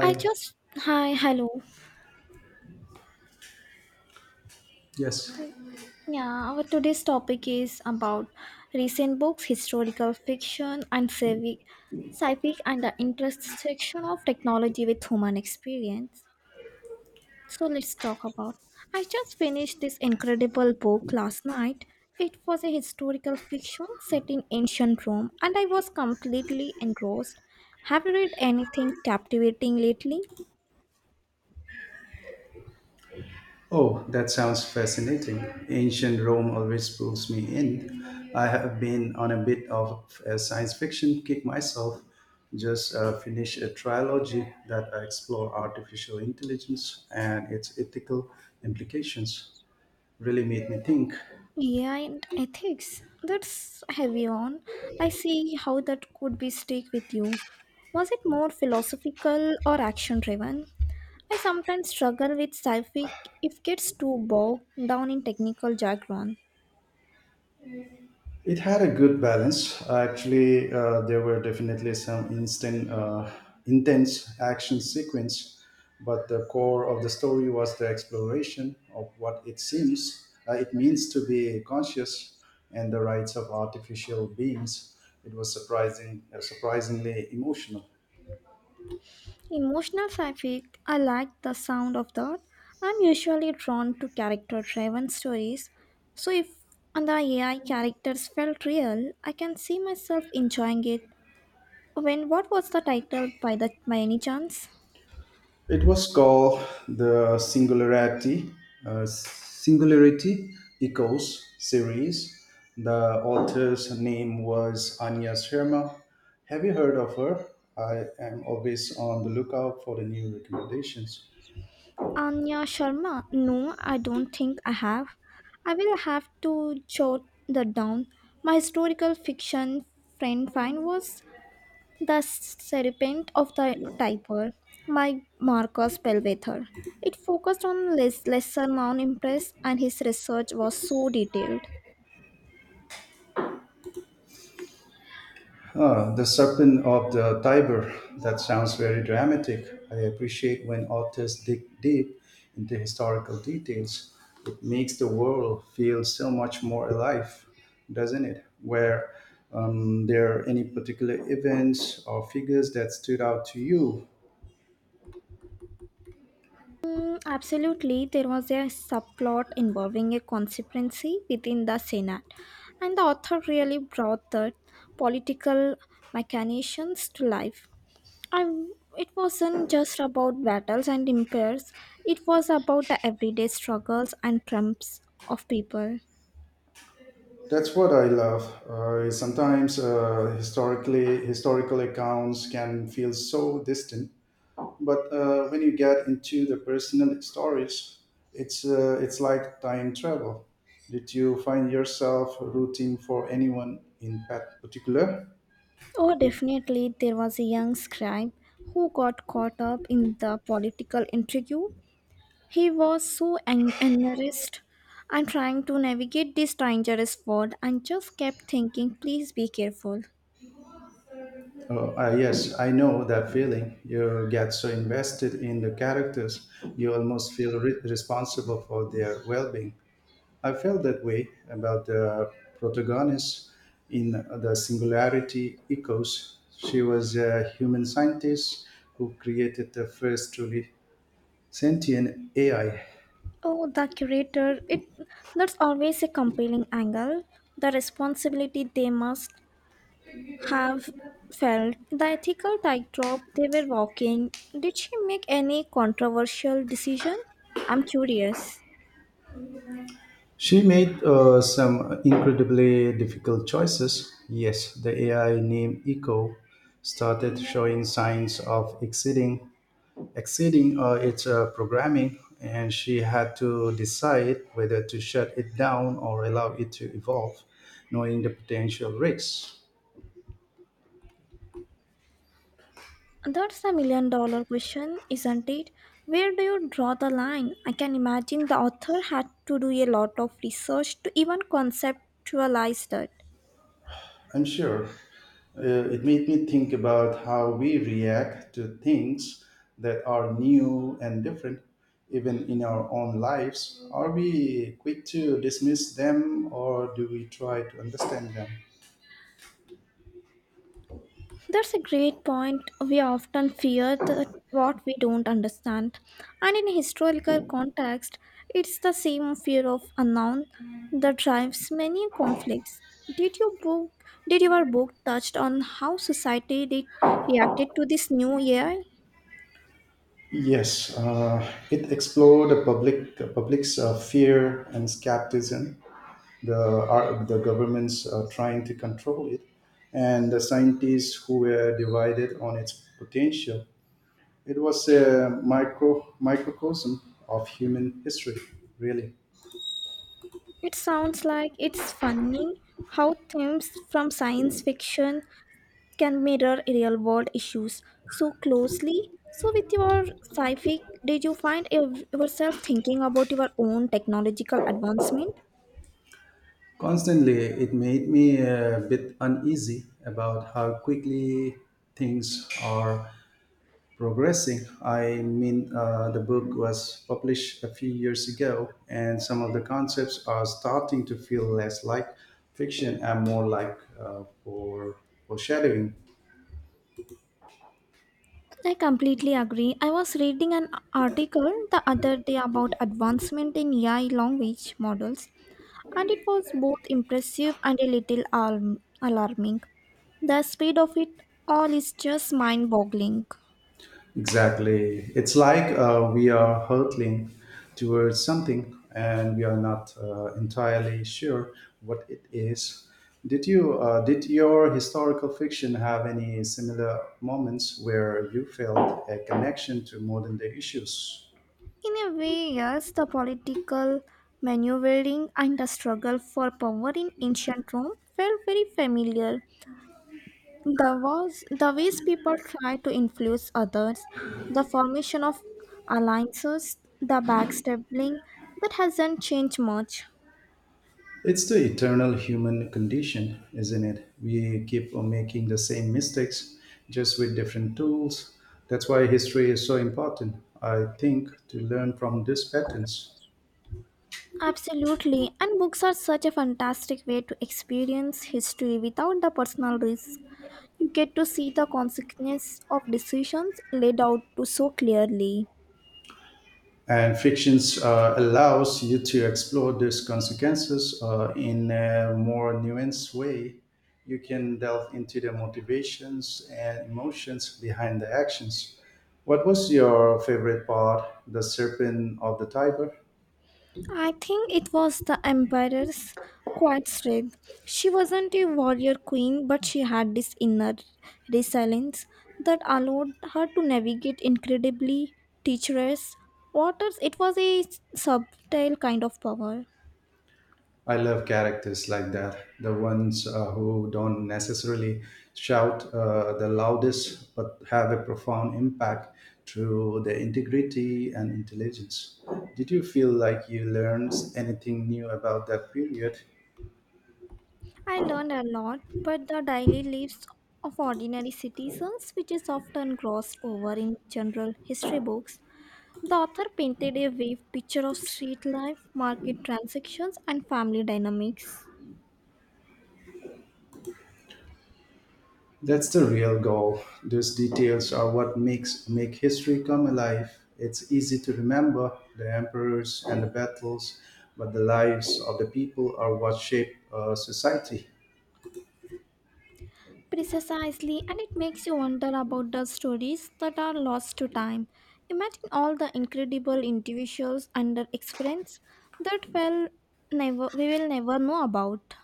I just hi Hello. Yes. Yeah, our today's topic is about recent books, historical fiction, and civic, and the intersection of technology with human experience. So let's talk about. I just finished this incredible book last night. It was a historical fiction set in ancient Rome, and I was completely engrossed. Have you read anything captivating lately? Oh, that sounds fascinating. Ancient Rome always pulls me in. I have been on a bit of a science fiction kick myself. Just finished a trilogy that explore artificial intelligence and its ethical implications. Really made me think. AI and ethics. That's heavy on. I see how that could be stick with you. Was it more philosophical or action driven? I sometimes struggle with sci-fi if it gets too bogged down in technical jargon. It had a good balance. Actually, there were definitely some intense action sequence, but the core of the story was the exploration of what it means to be conscious and the rights of artificial beings. It was surprisingly emotional. Emotional sci-fi, I like the sound of that. I'm usually drawn to character-driven stories, so if and the AI characters felt real, I can see myself enjoying it. When what was the title by the by any chance? It was called the Singularity Echoes series. The author's name was Anya Sharma. Have you heard of her? I am always on the lookout for the new recommendations. Anya Sharma? No, I don't think I have. I will have to jot that down. My historical fiction friend Fine was the serpent of the typer, my Marcus Bellwether. It focused on less lesser known impress and his research was so detailed. Ah, the serpent of the Tiber. That sounds very dramatic. I appreciate when authors dig deep into historical details. It makes the world feel so much more alive, doesn't it? Were there any particular events or figures that stood out to you? Absolutely, there was a subplot involving a conspiracy within the Senate, and the author really brought the political machinations to life. I, it wasn't just about battles and empires, it was about the everyday struggles and triumphs of people. That's what I love. Sometimes historical accounts can feel so distant but when you get into the personal stories it's like time travel. Did you find yourself rooting for anyone in particular? Oh, definitely, there was a young scribe who got caught up in the political intrigue. He was so embarrassed. I'm trying to navigate this dangerous world and just kept thinking, please be careful. Yes, I know that feeling. You get so invested in the characters you almost feel responsible for their well-being. I felt that way about the protagonist in the Singularity Echoes. She was a human scientist who created the first truly sentient AI. Oh, the curator, it that's always a compelling angle. The responsibility they must have felt, the ethical tightrope they were walking. Did she make any controversial decision? I'm curious. She made some incredibly difficult choices. Yes, the AI named Echo started showing signs of exceeding its programming, and she had to decide whether to shut it down or allow it to evolve, knowing the potential risks. That's a million dollar question, isn't it? Where do you draw the line? I can imagine the author had to do a lot of research to even conceptualize that. I'm sure. It made me think about how we react to things that are new and different, even in our own lives. Are we quick to dismiss them or do we try to understand them? That's a great point. We often fear that what we don't understand. And in historical context, it's the same fear of unknown that drives many conflicts. Did your book did your book touched on how society did reacted to this new AI? Yes, it explored the public's fear and skepticism, the governments trying to control it, and the scientists who were divided on its potential. It was a microcosm of human history, really. It sounds like it's funny how themes from science fiction can mirror real world issues so closely. So, with your sci fi, did you find yourself thinking about your own technological advancement? Constantly, it made me a bit uneasy about how quickly things are progressing. I mean, the book was published a few years ago, and some of the concepts are starting to feel less like fiction and more like foreshadowing. I completely agree. I was reading an article the other day about advancement in AI language models, and it was both impressive and a little alarming. The speed of it all is just mind boggling. Exactly. It's like we are hurtling towards something and we are not entirely sure what it is. Did you did your historical fiction have any similar moments where you felt a connection to modern day issues? In a way, yes, the political maneuvering and the struggle for power in ancient Rome felt very familiar. The was the ways people try to influence others, the formation of alliances, the backstabbing that hasn't changed much. It's the eternal human condition, isn't it? We keep on making the same mistakes, just with different tools. That's why history is so important, I think, to learn from these patterns. Absolutely, and books are such a fantastic way to experience history without the personal risk. You get to see the consequences of decisions laid out to so clearly. And fictions allows you to explore these consequences in a more nuanced way. You can delve into the motivations and emotions behind the actions. What was your favorite part? The serpent of the tiger? I think it was the Emperor's quiet strength. She wasn't a warrior queen, but she had this inner resilience that allowed her to navigate incredibly treacherous waters. It was a subtle kind of power. I love characters like that, the ones who don't necessarily shout the loudest but have a profound impact through their integrity and intelligence. Did you feel like you learned anything new about that period? I learned a lot, but the daily lives of ordinary citizens, which is often glossed over in general history books, the author painted a vivid picture of street life, market transactions, and family dynamics. That's the real goal. Those details are what make history come alive. It's easy to remember the emperors and the battles, but the lives of the people are what shape society. Precisely, and it makes you wonder about the stories that are lost to time. Imagine all the incredible individuals under experience that well never we will never know about.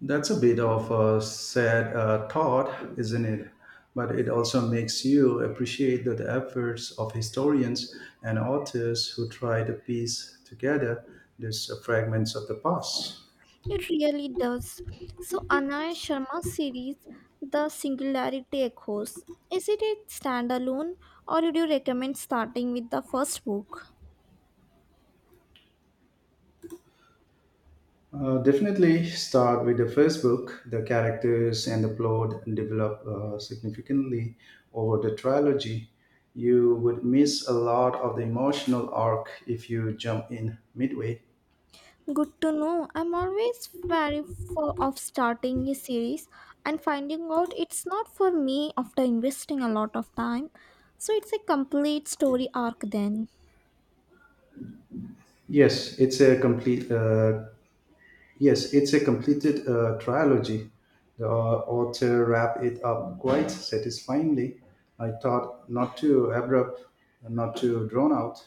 That's a bit of a sad thought, isn't it? But it also makes you appreciate the efforts of historians and authors who try to piece together these fragments of the past. It really does. So Anaya Sharma's series, The Singularity Echoes, is it a standalone or would you recommend starting with the first book? Definitely start with the first book. The characters and the plot develop significantly over the trilogy. You would miss a lot of the emotional arc if you jump in midway. Good to know. I'm always wary of starting a series and finding out it's not for me after investing a lot of time. So it's a complete story arc then. Yes, it's a complete uh, Yes, it's a completed trilogy. The author wrapped it up quite satisfyingly. I thought not too abrupt, not too drawn out.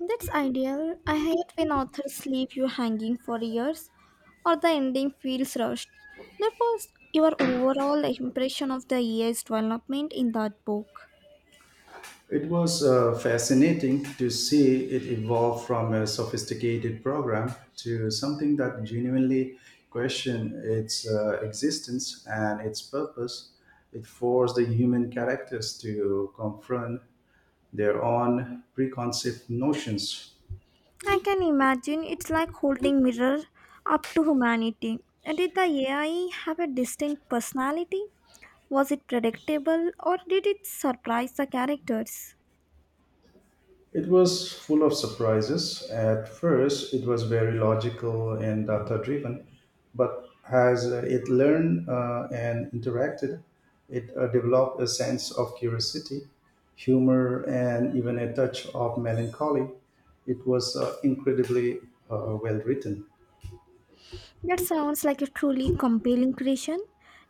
That's ideal. I hate when authors leave you hanging for years or the ending feels rushed. That was your overall impression of the EA's development in that book. It was fascinating to see it evolve from a sophisticated program to something that genuinely questioned its existence and its purpose. It forced the human characters to confront their own preconceived notions. I can imagine it's like holding mirror up to humanity. Did the AI have a distinct personality? Was it predictable or did it surprise the characters? It was full of surprises. At first, it was very logical and data driven, but as it learned and interacted, it developed a sense of curiosity, humor, and even a touch of melancholy. It was incredibly well written. That sounds like a truly compelling creation.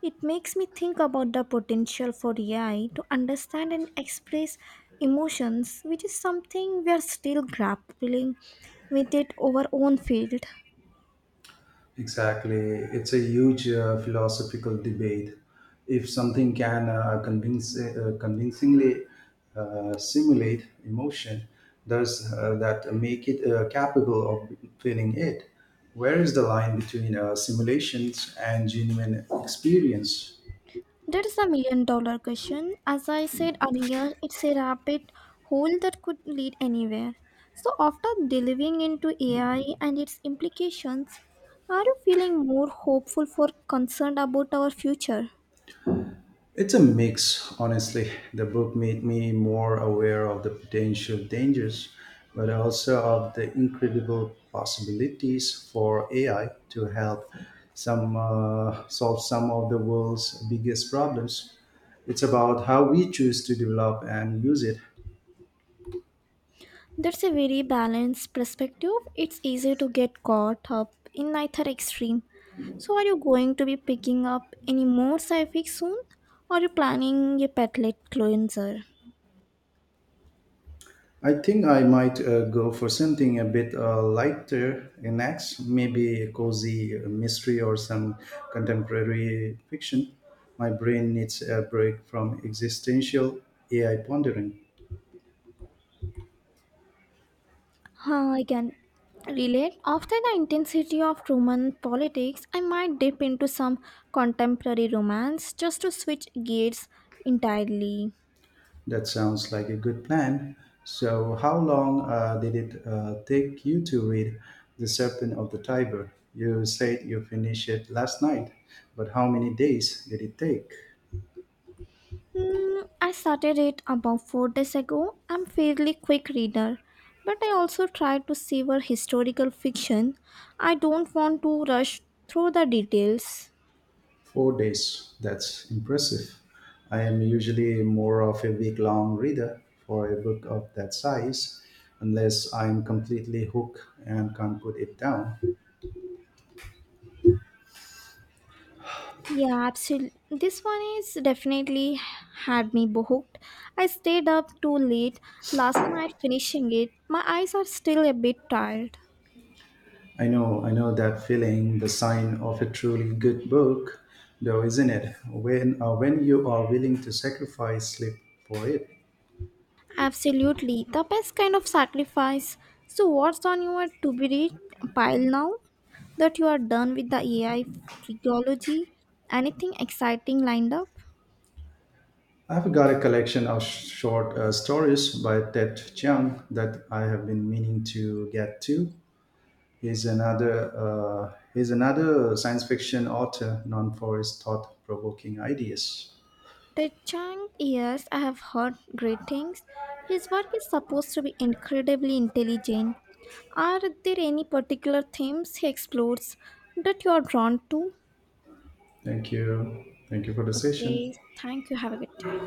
It makes me think about the potential for AI to understand and express emotions, which is something we are still grappling with it over own field. Exactly. It's a huge philosophical debate. If something can convincingly simulate emotion, does that make it capable of feeling it? Where is the line between simulations and genuine experience? That is a million dollar question. As I said earlier, it's a rabbit hole that could lead anywhere. So, after delving into AI and its implications, are you feeling more hopeful for concerned about our future? It's a mix, honestly. The book made me more aware of the potential dangers, but also of the incredible possibilities for AI to help some solve some of the world's biggest problems. It's about how we choose to develop and use it. That's a very balanced perspective. It's easy to get caught up in either extreme. So, are you going to be picking up any more sci-fi soon? Or are you planning a petlet cleanser? I think I might go for something a bit lighter next, maybe a cozy mystery or some contemporary fiction. My brain needs a break from existential AI pondering. Huh, I can relate. After the intensity of Roman politics, I might dip into some contemporary romance just to switch gears entirely. That sounds like a good plan. So, how long did it take you to read The Serpent of the Tiber? You said you finished it last night, but how many days did it take? Hmm, I started it about 4 days ago. I'm fairly quick reader, but I also try to savor historical fiction. I don't want to rush through the details. 4 days. That's impressive. I am usually more of a week long reader for a book of that size, unless I'm completely hooked and can't put it down. Yeah, absolutely. This one is definitely had me hooked. I stayed up too late last night finishing it. My eyes are still a bit tired. I know that feeling, the sign of a truly good book, though, isn't it? When when you are willing to sacrifice sleep for it. Absolutely, the best kind of sacrifice. So, what's on your to be read pile now that you are done with the AI trilogy? Anything exciting lined up? I've got a collection of short stories by Ted Chiang that I have been meaning to get to. He's another science fiction author known for his thought provoking ideas. Ted Chiang, yes, I have heard great things. His work is supposed to be incredibly intelligent. Are there any particular themes he explores that you are drawn to? Thank you. Thank you for the Okay, session. thank you. Have a good day.